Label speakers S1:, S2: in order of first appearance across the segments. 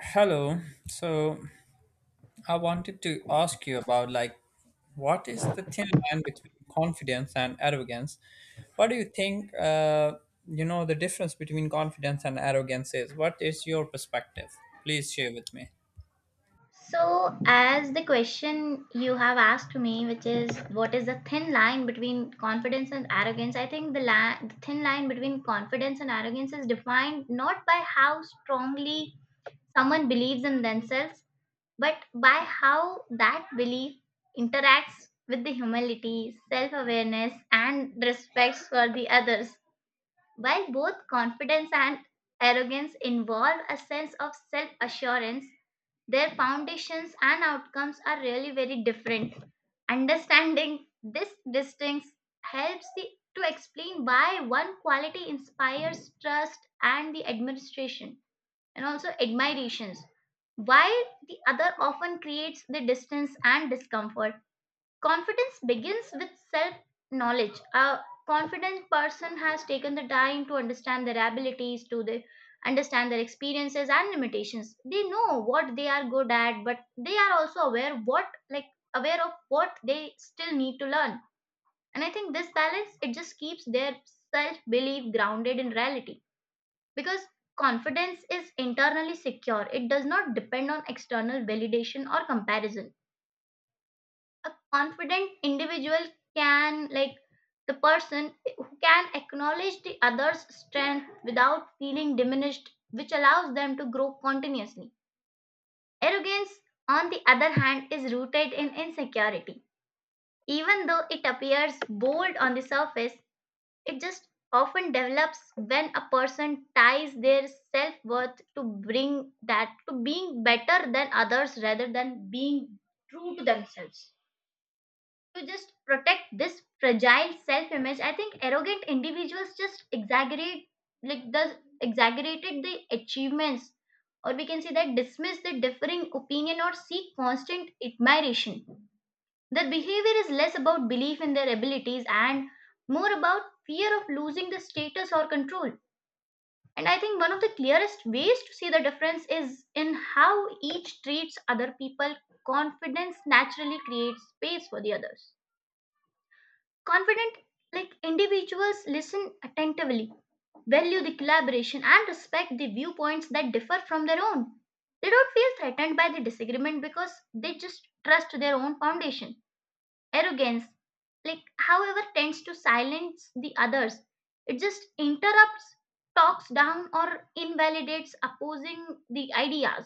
S1: Hello. So, I wanted to ask you about like what is the thin line between confidence and arrogance? What do you think you know the difference between confidence and arrogance is? What is your perspective? Please share with me.
S2: So, as the question you have asked me, which is what is the thin line between confidence and arrogance, I think the thin line between confidence and arrogance is defined not by how strongly someone believes in themselves, but by how that belief interacts with the humility, self awareness, and respect for the others. While both confidence and arrogance involve a sense of self assurance, their foundations and outcomes are really very different. Understanding this distinction helps the, to explain why one quality inspires trust and the admiration and also admirations, while the other often creates the distance and discomfort. Confidence begins with self knowledge. A confident person has taken the time to understand their abilities, understand their experiences and limitations. They know what they are good at, but they are also aware what like aware of what they still need to learn. And I think this balance it just keeps their self belief grounded in reality, because confidence is internally secure. It does not depend on external validation or comparison. A confident individual, can like the person who can acknowledge the other's strength without feeling diminished, which allows them to grow continuously. Arrogance, on the other hand, is rooted in insecurity. Even though it appears bold on the surface, it just often develops when a person ties their self-worth to bring that to being better than others rather than being true to themselves. To just protect this fragile self image, I think arrogant individuals just exaggerate, like the exaggerated the achievements, or we can say that dismiss the differing opinion or seek constant admiration. Their behavior is less about belief in their abilities and more about fear of losing the status or control. And I think one of the clearest ways to see the difference is in how each treats other people. Confidence naturally creates space for the others. Confident like Individuals listen attentively, value the collaboration and respect the viewpoints that differ from their own. They don't feel threatened by the disagreement because they just trust their own foundation. Arrogance, like however, tends to silence the others. It just interrupts, talks down or invalidates opposing the ideas,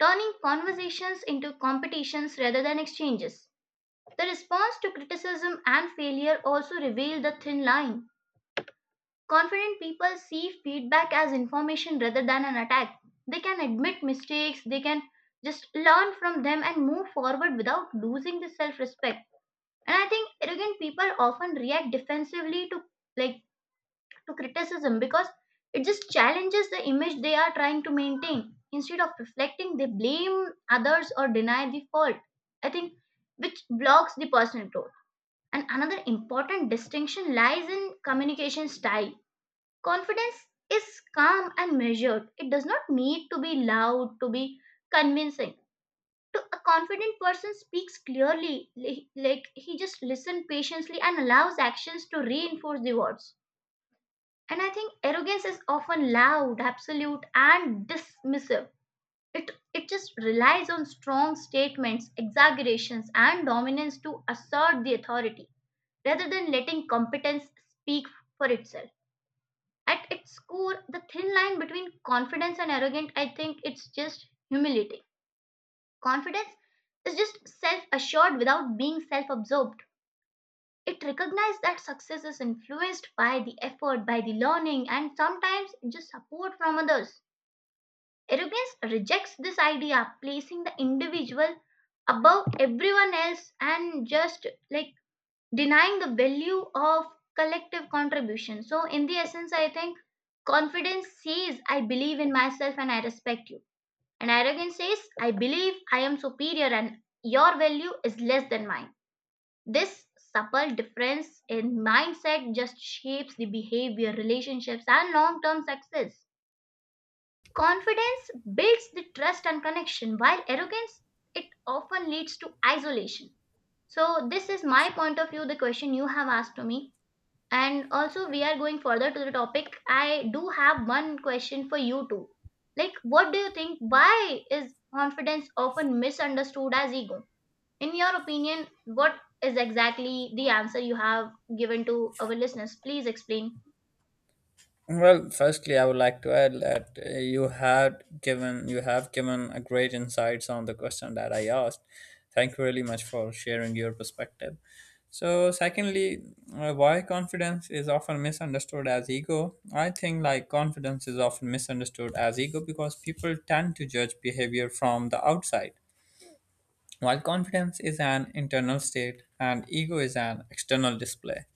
S2: turning conversations into competitions rather than exchanges. The response to criticism and failure also reveal the thin line. Confident people see feedback as information rather than an attack. They can admit mistakes, they can just learn from them and move forward without losing the self respect. And I think arrogant people often react defensively like to criticism because it just challenges the image they are trying to maintain. Instead of reflecting, they blame others or deny the fault. I think which blocks the personal growth. And another important distinction lies in communication style. Confidence is calm and measured. It does not need to be loud, to be convincing. To a confident person speaks clearly, like he just listens patiently and allows actions to reinforce the words. And I think arrogance is often loud, absolute, and dismissive. It just relies on strong statements, exaggerations, and dominance to assert the authority rather than letting competence speak for itself. At its core, the thin line between confidence and arrogant, I think it's just humility. Confidence is just self assured without being self absorbed. It recognizes that success is influenced by the effort, by the learning, and sometimes just support from others. Arrogance rejects this idea, placing the individual above everyone else and just like denying the value of collective contribution. So, in the essence, I think confidence says, I believe in myself and I respect you. And arrogance says, I believe I am superior and your value is less than mine. This subtle difference in mindset just shapes the behavior, relationships, and long term success. Confidence builds the trust and connection, while arrogance it often leads to isolation. So, this is my point of view, the question you have asked to me. And also, we are going further to the topic. I do have one question for you too. Like, what do you think? Why is confidence often misunderstood as ego? In your opinion, what is exactly the answer you have given to our listeners? Please explain.
S1: Well, firstly, I would like to add that you have given a great insights on the question that I asked. Thank you really much for sharing your perspective. So, secondly, why confidence is often misunderstood as ego? I think like confidence is often misunderstood as ego because people tend to judge behavior from the outside, while confidence is an internal state and ego is an external display.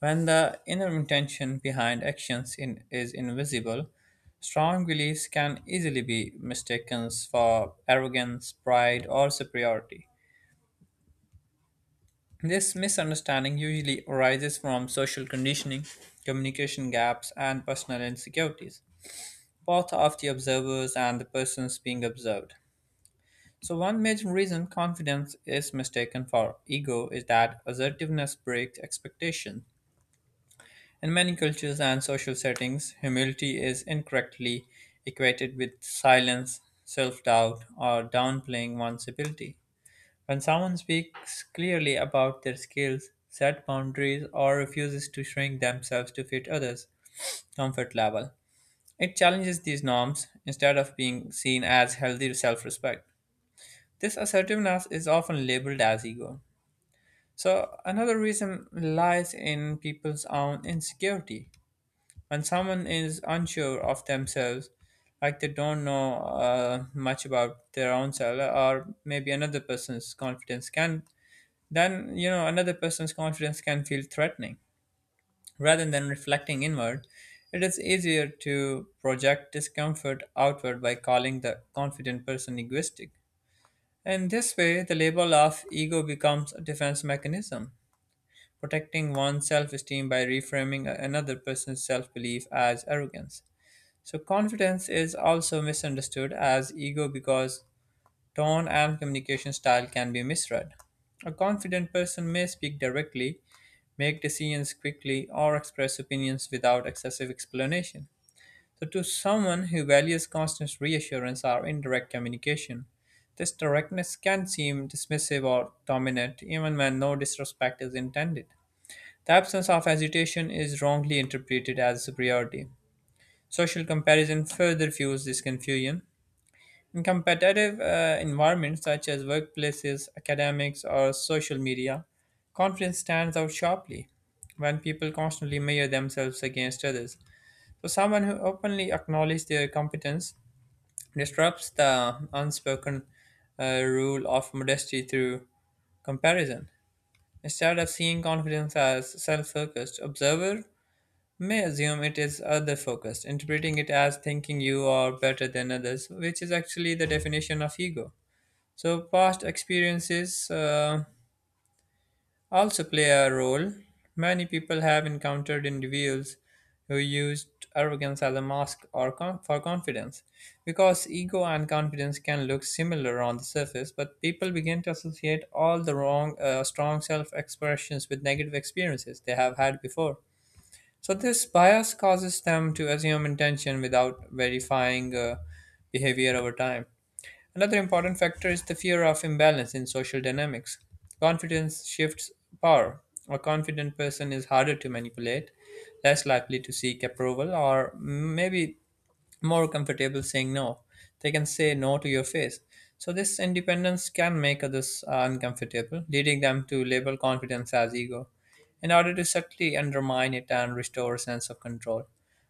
S1: When the inner intention behind is invisible, strong beliefs can easily be mistaken for arrogance, pride, or superiority. This misunderstanding usually arises from social conditioning, communication gaps, and personal insecurities, both of the observers and the persons being observed. So, one major reason confidence is mistaken for ego is that assertiveness breaks expectation. In many cultures and social settings, humility is incorrectly equated with silence, self doubt, or downplaying one's ability. When someone speaks clearly about their skills, set boundaries, or refuses to shrink themselves to fit others' comfort level, it challenges these norms instead of being seen as healthy self respect. This assertiveness is often labeled as ego. So, another reason lies in people's own insecurity when someone is unsure of themselves, like they don't know much about their own self, or maybe another person's confidence can then you know another person's confidence can feel threatening rather than reflecting inward. It is easier to project discomfort outward by calling the confident person egoistic. In this way the label of ego becomes a defense mechanism, protecting one's self-esteem by reframing another person's self-belief as arrogance. So confidence is also misunderstood as ego because tone and communication style can be misread. A confident person may speak directly, make decisions quickly, or express opinions without excessive explanation. So to someone who values constant reassurance or indirect communication, this directness can seem dismissive or dominant even when no disrespect is intended. The absence of agitation is wrongly interpreted as superiority. Social comparison further fuels this confusion. In competitive environments such as workplaces, academics, or social media, confidence stands out sharply when people constantly measure themselves against others. So, someone who openly acknowledges their competence disrupts the unspoken rule of modesty through comparison. Instead of seeing confidence as self focused, observers may assume it is other focused, interpreting it as thinking you are better than others, which is actually the definition of ego. So, past experiences also play a role. Many people have encountered individuals who used arrogance as a mask or for confidence, because ego and confidence can look similar on the surface, but people begin to associate all the wrong strong self expressions with negative experiences they have had before. So this bias causes them to assume intention without verifying behavior over time. Another important factor is the fear of imbalance in social dynamics. Confidence shifts power. A confident person is harder to manipulate, less likely to seek approval, or maybe more comfortable saying no. They can say no to your face. So this independence can make others uncomfortable, leading them to label confidence as ego, in order to subtly undermine it and restore a sense of control.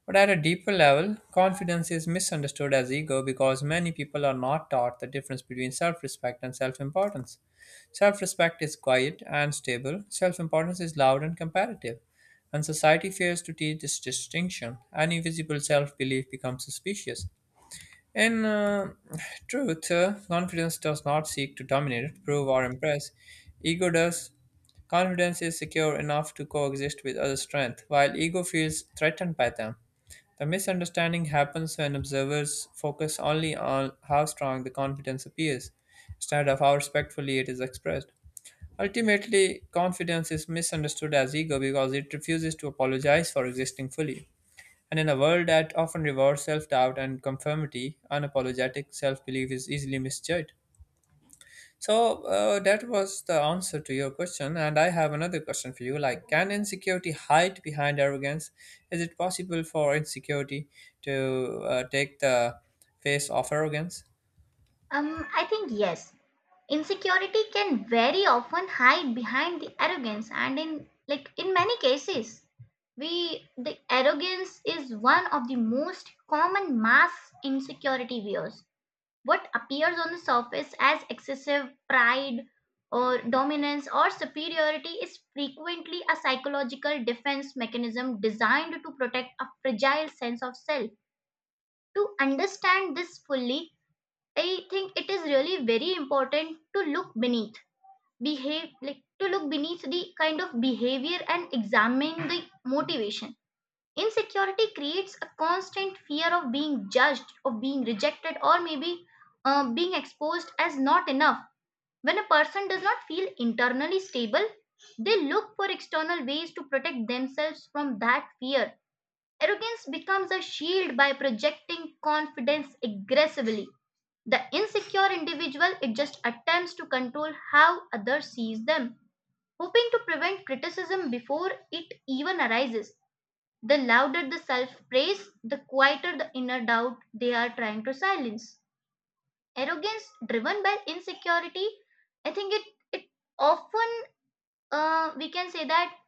S1: But at a deeper level, confidence is misunderstood as ego because many people are not taught the difference between self-respect and self-importance. Self respect is quiet and stable, self importance is loud and comparative, and society fears to teach this distinction. Any visible self belief becomes suspicious. In truth, confidence does not seek to dominate, prove, or impress. Ego does. Confidence is secure enough to coexist with other strength, while ego feels threatened by them. The misunderstanding happens when observers focus only on how strong the confidence appears, instead of how respectfully it is expressed. Ultimately, confidence is misunderstood as ego because it refuses to apologize for existing fully. And in a world that often rewards self doubt and conformity, unapologetic self belief is easily misjudged. So, that was the answer to your question. And I have another question for you like, can insecurity hide behind arrogance? Is it possible for insecurity to take the face of arrogance?
S2: I think yes. Insecurity can very often hide behind the arrogance, and in many cases, we the arrogance is one of the most common mass insecurity wears. What appears on the surface as excessive pride or dominance or superiority is frequently a psychological defense mechanism designed to protect a fragile sense of self. To understand this fully, I think it is really very important to look beneath, behave like to look beneath the kind of behavior and examine the motivation. Insecurity creates a constant fear of being judged, of being rejected, or maybe being exposed as not enough. When a person does not feel internally stable, they look for external ways to protect themselves from that fear. Arrogance becomes a shield by projecting confidence aggressively. The insecure individual it just attempts to control how others sees them, hoping to prevent criticism before it even arises. The louder the self praise, the quieter the inner doubt they are trying to silence. Arrogance driven by insecurity, I think it often, we can say that,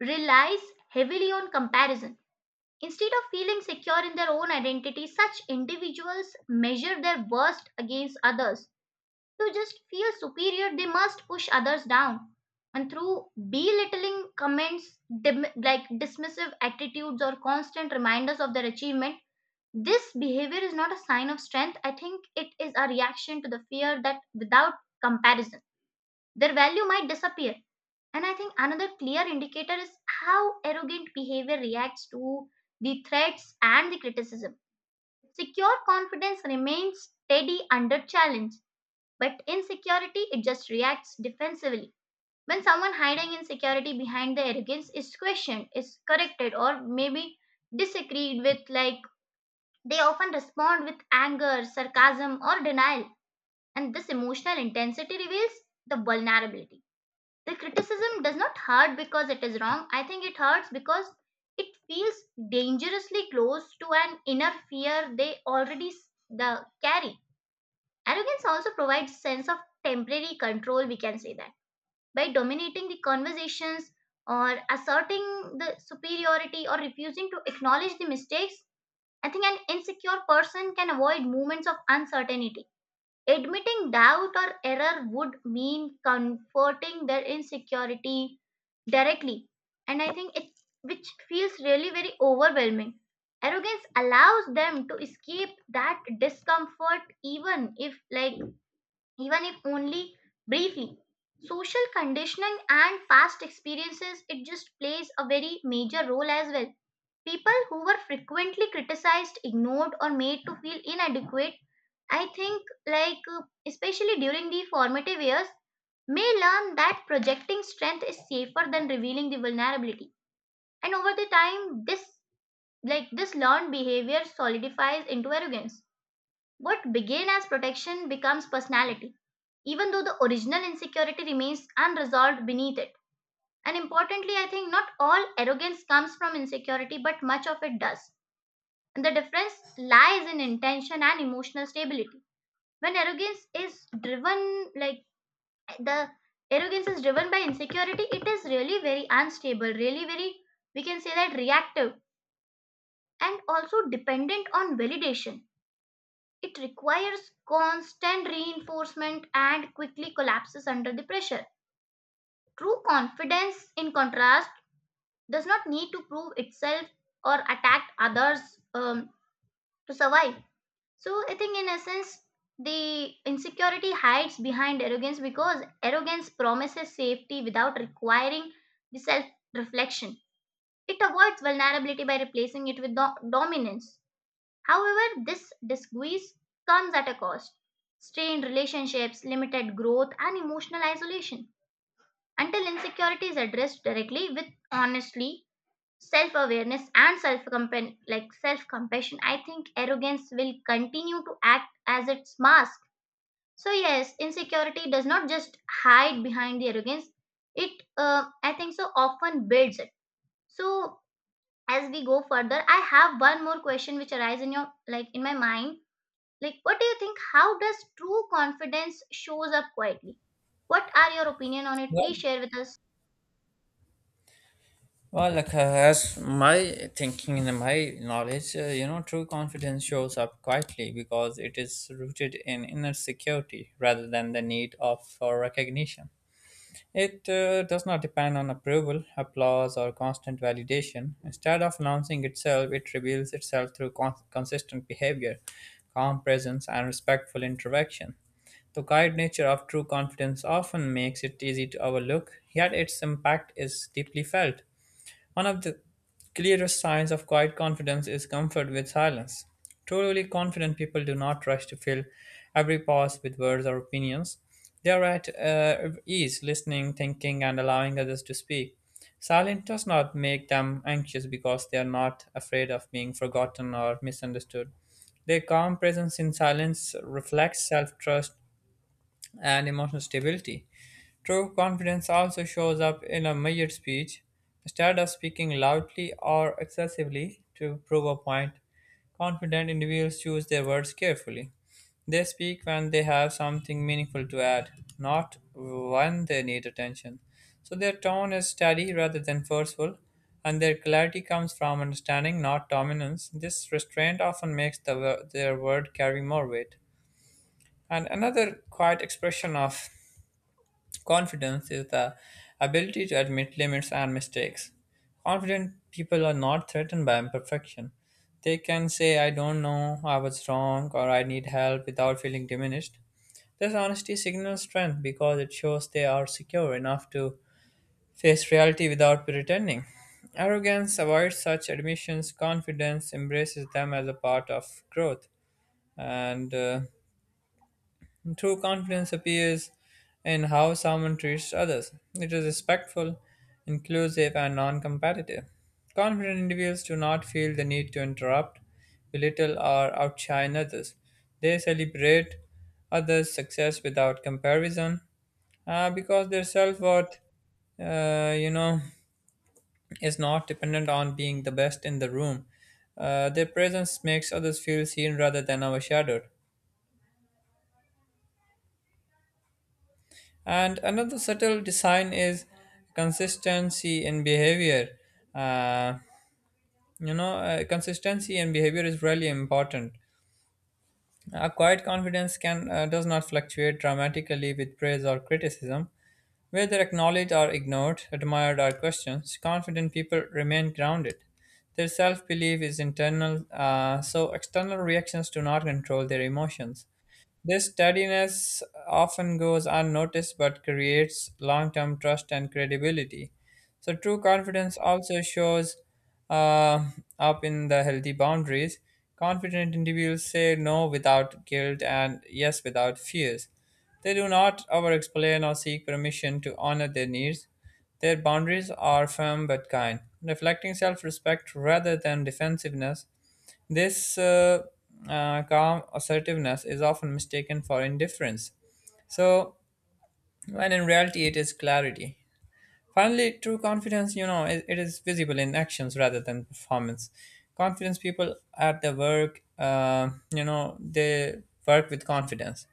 S2: relies heavily on comparison. Instead of feeling secure in their own identity, such individuals measure their worst against others. To just feel superior, they must push others down. And through belittling comments, dismissive attitudes, or constant reminders of their achievement, this behavior is not a sign of strength. I think it is a reaction to the fear that without comparison, their value might disappear. And I think another clear indicator is how arrogant behavior reacts to the threats and the criticism. Secure confidence remains steady under challenge, but insecurity it just reacts defensively. When someone hiding insecurity behind the arrogance is questioned, is corrected, or maybe disagreed with, they often respond with anger, sarcasm, or denial, and this emotional intensity reveals the vulnerability. The criticism does not hurt because it is wrong. I think it hurts because it feels dangerously close to an inner fear they already s- the carry. Arrogance also provides sense of temporary control, we can say that. By dominating the conversations or asserting the superiority or refusing to acknowledge the mistakes, I think an insecure person can avoid moments of uncertainty. Admitting doubt or error would mean confronting their insecurity directly. And I think it which feels really very overwhelming. Arrogance allows them to escape that discomfort even if only briefly. Social conditioning and past experiences it just plays a very major role as well. People who were frequently criticized, ignored, or made to feel inadequate, I think, especially during the formative years, may learn that projecting strength is safer than revealing the vulnerability. And over the time, this learned behavior solidifies into arrogance. What began as protection becomes personality, even though the original insecurity remains unresolved beneath it. And importantly, I think not all arrogance comes from insecurity, but much of it does. The difference lies in intention and emotional stability. When the arrogance is driven by insecurity, it is really very unstable, really very, we can say that reactive and also dependent on validation. It requires constant reinforcement and quickly collapses under the pressure. True confidence, in contrast, does not need to prove itself or attack others um, to survive. So I think in essence, the insecurity hides behind arrogance because arrogance promises safety without requiring the self reflection. It avoids vulnerability by replacing it with dominance. However, this disguise comes at a cost: strained relationships, limited growth, and emotional isolation. Until insecurity is addressed directly with honestly self-awareness and self-compassion, I think arrogance will continue to act as its mask. So yes, insecurity does not just hide behind the arrogance, it I think so often builds it. So as we go further, I have one more question which arises in your like in my mind. Like, what do you think? How does true confidence shows up quietly? What are your opinion on it? Please share with us.
S1: Well, as my thinking and my knowledge, you know, true confidence shows up quietly because it is rooted in inner security rather than the need of for recognition. It does not depend on approval, applause, or constant validation. Instead of announcing itself, it reveals itself through consistent behavior, calm presence, and respectful interaction. The quiet nature of true confidence often makes it easy to overlook, yet its impact is deeply felt. One of the clearest signs of quiet confidence is comfort with silence. Truly confident people do not rush to fill every pause with words or opinions. They are at ease listening, thinking, and allowing others to speak. Silence does not make them anxious because they are not afraid of being forgotten or misunderstood. Their calm presence in silence reflects self trust and emotional stability. True confidence also shows up in a measured speech. Instead of speaking loudly or excessively to prove a point, confident individuals choose their words carefully. They speak when they have something meaningful to add, not when they need attention. So their tone is steady rather than forceful, and their clarity comes from understanding, not dominance. This restraint often makes their word carry more weight. And another quiet expression of confidence is the ability to admit limits and mistakes. Confident people are not threatened by imperfection. They can say, I don't know, I was wrong, or I need help without feeling diminished. This honesty signals strength because it shows they are secure enough to face reality without pretending. Arrogance avoids such admissions, confidence embraces them as a part of growth. And true confidence appears in how someone treats others. It is respectful, inclusive, and non competitive. Confident individuals do not feel the need to interrupt, belittle, or outshine others. They celebrate others' success without comparison because their self worth, uh, you know, is not dependent on being the best in the room. Their presence makes others feel seen rather than overshadowed. And another subtle design is consistency in behavior. Uh, Consistency in behavior is really important. A quiet confidence can does not fluctuate dramatically with praise or criticism, whether acknowledged or ignored, admired or questioned. Confident people remain grounded. Their self belief is internal, so external reactions do not control their emotions. This steadiness often goes unnoticed but creates long term trust and credibility. So, true confidence also shows uh, up in the healthy boundaries. Confident individuals say no without guilt and yes without fears. They do not over explain or seek permission to honor their needs. Their boundaries are firm but kind, reflecting self respect rather than defensiveness. This calm assertiveness is often mistaken for indifference. So, when in reality, it is clarity. Finally, true confidence, you know, it is visible in actions rather than performance. Confidence people at their work, they work with confidence.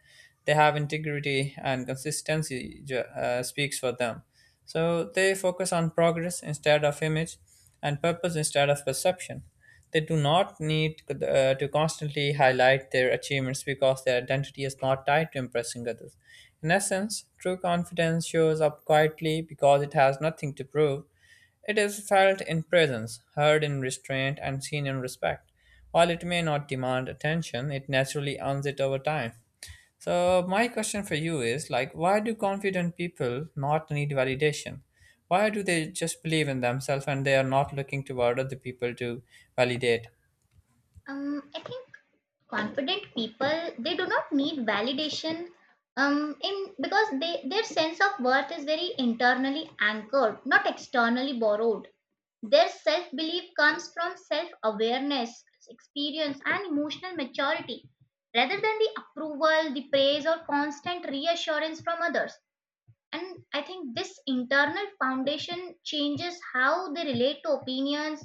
S1: They have integrity and consistency speaks for them. So they focus on progress instead of image and purpose instead of perception. They do not need to constantly highlight their achievements because their identity is not tied to impressing others. In essence, true confidence shows up quietly because it has nothing to prove. It is felt in presence, heard in restraint, and seen in respect. While it may not demand attention, it naturally earns it over time. So my question for you is like why do confident people not need validation? Why do they just believe in themselves and they are not looking toward other people to validate?
S2: I think confident people they do not need validation in because they their sense of worth is very internally anchored, not externally borrowed. Their self belief comes from self awareness, experience and emotional maturity rather than the approval, the praise or constant reassurance from others. And I think this internal foundation changes how they relate to opinions,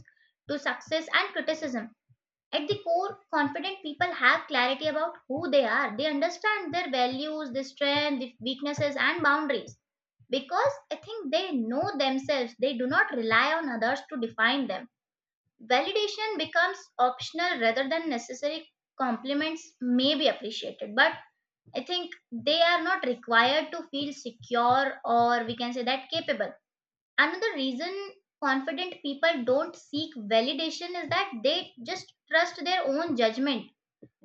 S2: to success and criticism. At the core, confident people have clarity about who they are. They understand their values, their strengths, their weaknesses, and boundaries. Because I think they know themselves, they do not rely on others to define them. Validation becomes optional rather than necessary. Compliments may be appreciated, but I think they are not required to feel secure, or we can say that capable. Another reason confident people don't seek validation is that they just trust their own judgment.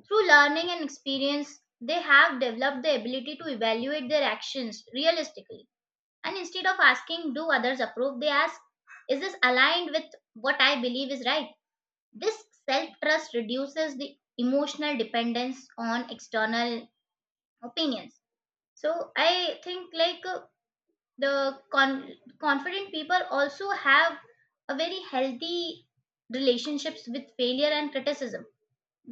S2: Through learning and experience, they have developed the ability to evaluate their actions realistically, and instead of asking "do others approve," they ask "is this aligned with what I believe is right." This self trust reduces the emotional dependence on external opinions. So I think the con- confident people also have a very healthy relationships with failure and criticism.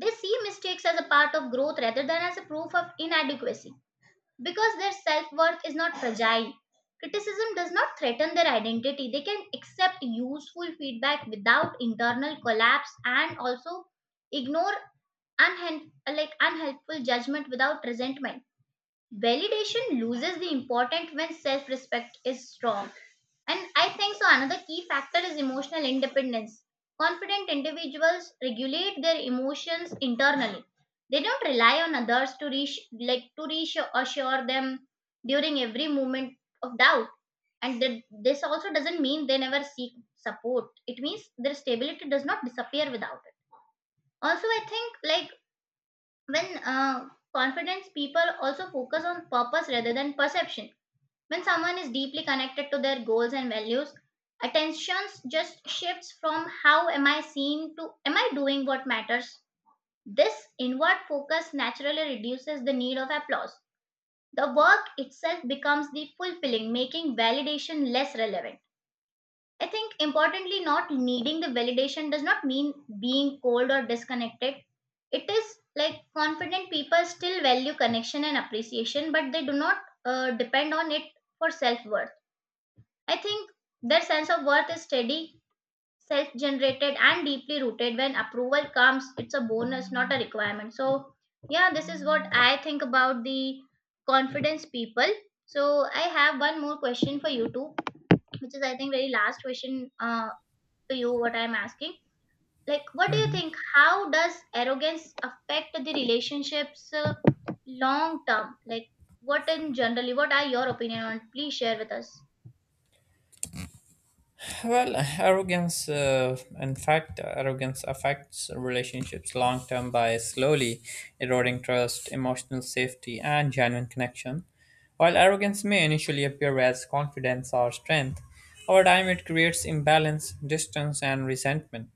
S2: They see mistakes as a part of growth rather than as a proof of inadequacy. Because their self-worth is not fragile, criticism does not threaten their identity. They can accept useful feedback without internal collapse, and also ignore unhen- like unhelpful judgment without resentment. Validation loses the importance when self-respect is strong. And I think so. Another key factor is emotional independence. Confident individuals regulate their emotions internally. They don't rely on others to reach, like to reassure them during every moment of doubt. And that this also doesn't mean they never seek support. It means their stability does not disappear without it. Also, I think like when confidence people also focus on purpose rather than perception. When someone is deeply connected to their goals and values, attention just shifts from "how am I seen" to "am I doing what matters." This inward focus naturally reduces the need of applause. The work itself becomes the fulfilling, making validation less relevant. I think importantly, not needing the validation does not mean being cold or disconnected. It is like confident people still value connection and appreciation, but they do not depend on it for self worth. I think their sense of worth is steady, self generated, and deeply rooted. When approval comes, it's a bonus, not a requirement. So, yeah, this is what I think about the confidence people. So, I have one more question for you too, which is, I think, very last question to you, what I'm asking. Like, what do you
S1: Mhm.
S2: think? How does arrogance affect the relationships long term? Like, what in generally, what are your opinion on? Please share with us.
S1: Well, arrogance, in fact, arrogance affects relationships long term by slowly eroding trust, emotional safety, and genuine connection. While arrogance may initially appear as confidence or strength, over time it creates imbalance, distance, and resentment.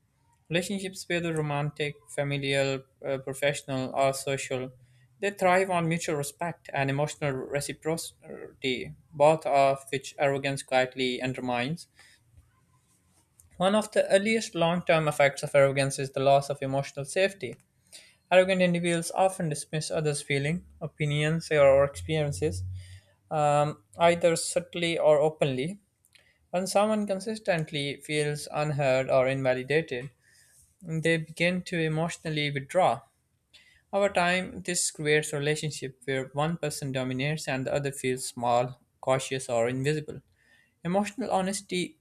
S1: Relationships, whether romantic, familial, professional, or social, they thrive on mutual respect and emotional reciprocity, both of which arrogance quietly undermines. One of the earliest long term effects of arrogance is the loss of emotional safety. Arrogant individuals often dismiss others' feelings, opinions, or experiences, either subtly or openly. When someone consistently feels unheard or invalidated, they begin to emotionally withdraw. Over time, this creates a relationship where one person dominates and the other feels small, cautious, or invisible. Emotional honesty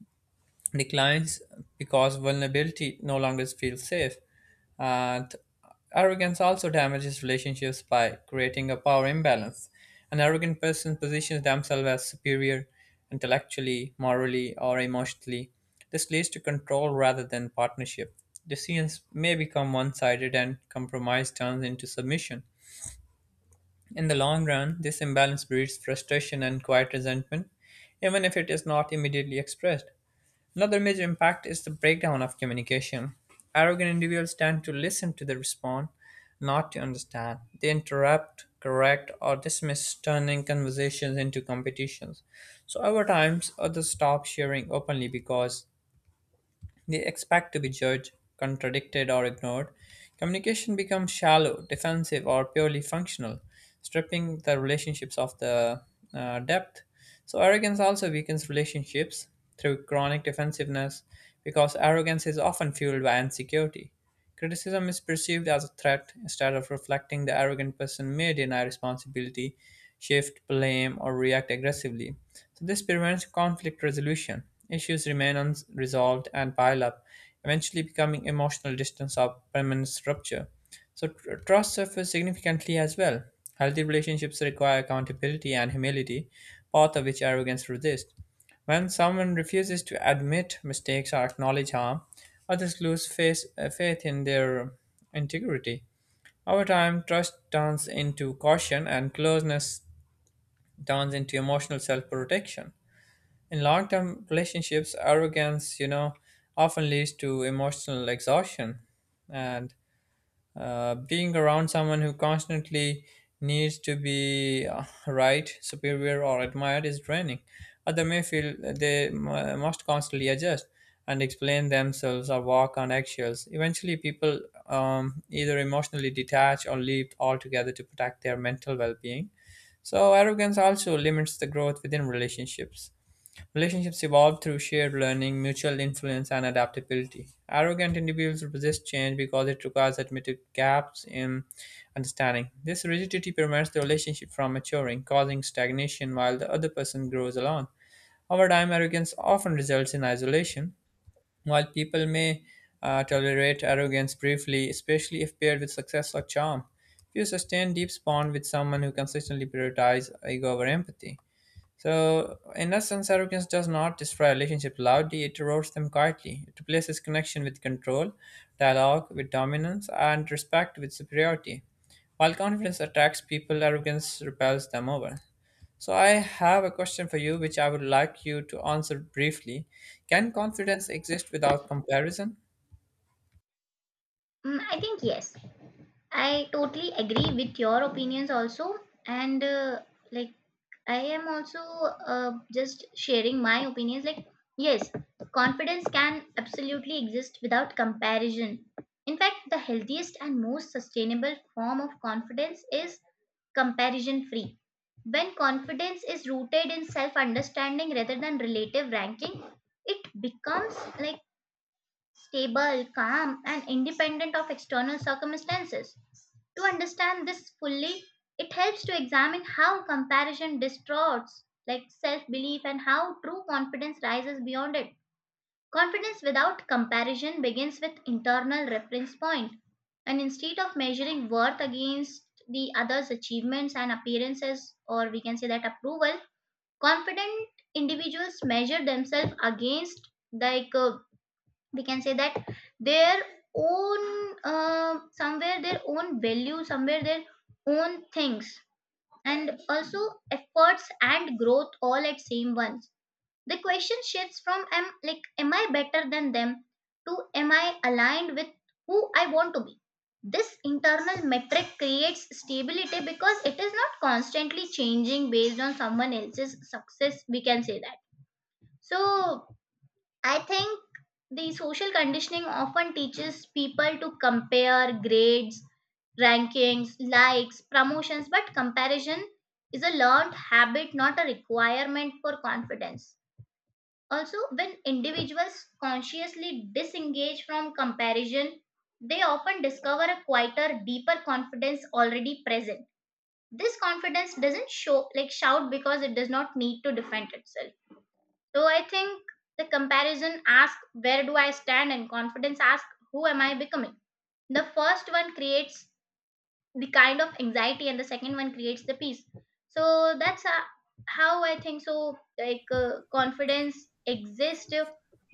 S1: declines because vulnerability no longer feels safe. And arrogance also damages relationships by creating a power imbalance. An arrogant person positions themselves as superior intellectually, morally, or emotionally. This leads to control rather than partnership. Decisions may become one sided and compromise turns into submission. In the long run, this imbalance breeds frustration and quiet resentment, even if it is not immediately expressed. Another major impact is the breakdown of communication. Arrogant individuals tend to listen to the respond, not to understand. They interrupt, correct, or dismiss, turning conversations into competitions. So over time, others stop sharing openly because they expect to be judged, contradicted, or ignored. Communication becomes shallow, defensive, or purely functional, stripping the relationships of the depth. So, arrogance also weakens relationships through chronic defensiveness because arrogance is often fueled by insecurity. Criticism is perceived as a threat, instead of reflecting the arrogant person may deny responsibility, shift blame, or react aggressively. So this prevents conflict resolution. Issues remain unresolved and pile up, eventually becoming emotional distance or permanent rupture. So trust suffers significantly as well. Healthy relationships require accountability and humility, both of which arrogance resists. When someone refuses to admit mistakes or acknowledge harm, others lose faith, faith in their integrity. Over time, trust turns into caution and closeness turns into emotional self protection. In long term relationships, arrogance, you know, often leads to emotional exhaustion and being around someone who constantly needs to be right, superior, or admired is draining. Others may feel they must constantly adjust and explain themselves or walk on eggshells. Eventually, people either emotionally detach or leave altogether to protect their mental well being. So, arrogance also limits the growth within relationships. Relationships evolve through shared learning, mutual influence, and adaptability. Arrogant individuals resist change because it requires admitted gaps in understanding. This rigidity prevents the relationship from maturing, causing stagnation while the other person grows alone. Over time, arrogance often results in isolation. While people may tolerate arrogance briefly, especially if paired with success or charm, few sustain deep bond with someone who consistently prioritizes ego over empathy. So, in essence, arrogance does not destroy relationships loudly, it erodes them quietly. It replaces connection with control, dialogue with dominance, and respect with superiority. While confidence attracts people, arrogance repels them over. So, I have a question for you which I would like you to answer briefly. Can confidence exist without comparison?
S2: Mm, I think yes. I totally agree with your opinions also, and like I am also just sharing my opinions. Like, yes, confidence can absolutely exist without comparison. In fact, the healthiest and most sustainable form of confidence is comparison free. When confidence is rooted in self understanding rather than relative ranking, it becomes like stable, calm, and independent of external circumstances. To understand this fully, it helps to examine how comparison distorts like self-belief and how true confidence rises beyond it. Confidence without comparison begins with internal reference point, and instead of measuring worth against the other's achievements and appearances, or we can say that approval, confident individuals measure themselves against we can say that their own somewhere their own value, somewhere their own things, and also efforts and growth all at same once. The question shifts from am I better than them to am I aligned with who I want to be. This internal metric creates stability because it is not constantly changing based on someone else's success, we can say that. So I think the social conditioning often teaches people to compare grades, rankings, likes, promotions, but comparison is a learned habit, not a requirement for confidence. Also, when individuals consciously disengage from comparison, they often discover a quieter, deeper confidence already present. This confidence doesn't show like shout because it does not need to defend itself. So I think the comparison asks "where do I stand" and confidence asks "who am I becoming." The first one creates the kind of anxiety and the second one creates the peace. So that's how I think so confidence exists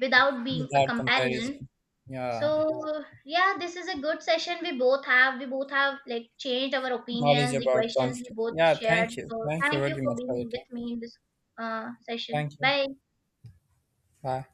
S2: without being a
S1: Without
S2: comparison.
S1: comparison. Yeah.
S2: So yeah, this is a good session we both have. We both have like changed our
S1: Knowledge
S2: opinions, the
S1: about
S2: questions we
S1: confidence.
S2: both
S1: Yeah,
S2: shared.
S1: thank you.
S2: So
S1: Thank you
S2: thank you
S1: really
S2: for
S1: much for your
S2: being
S1: time.
S2: with me in this session.
S1: Thank you.
S2: Bye.
S1: Bye.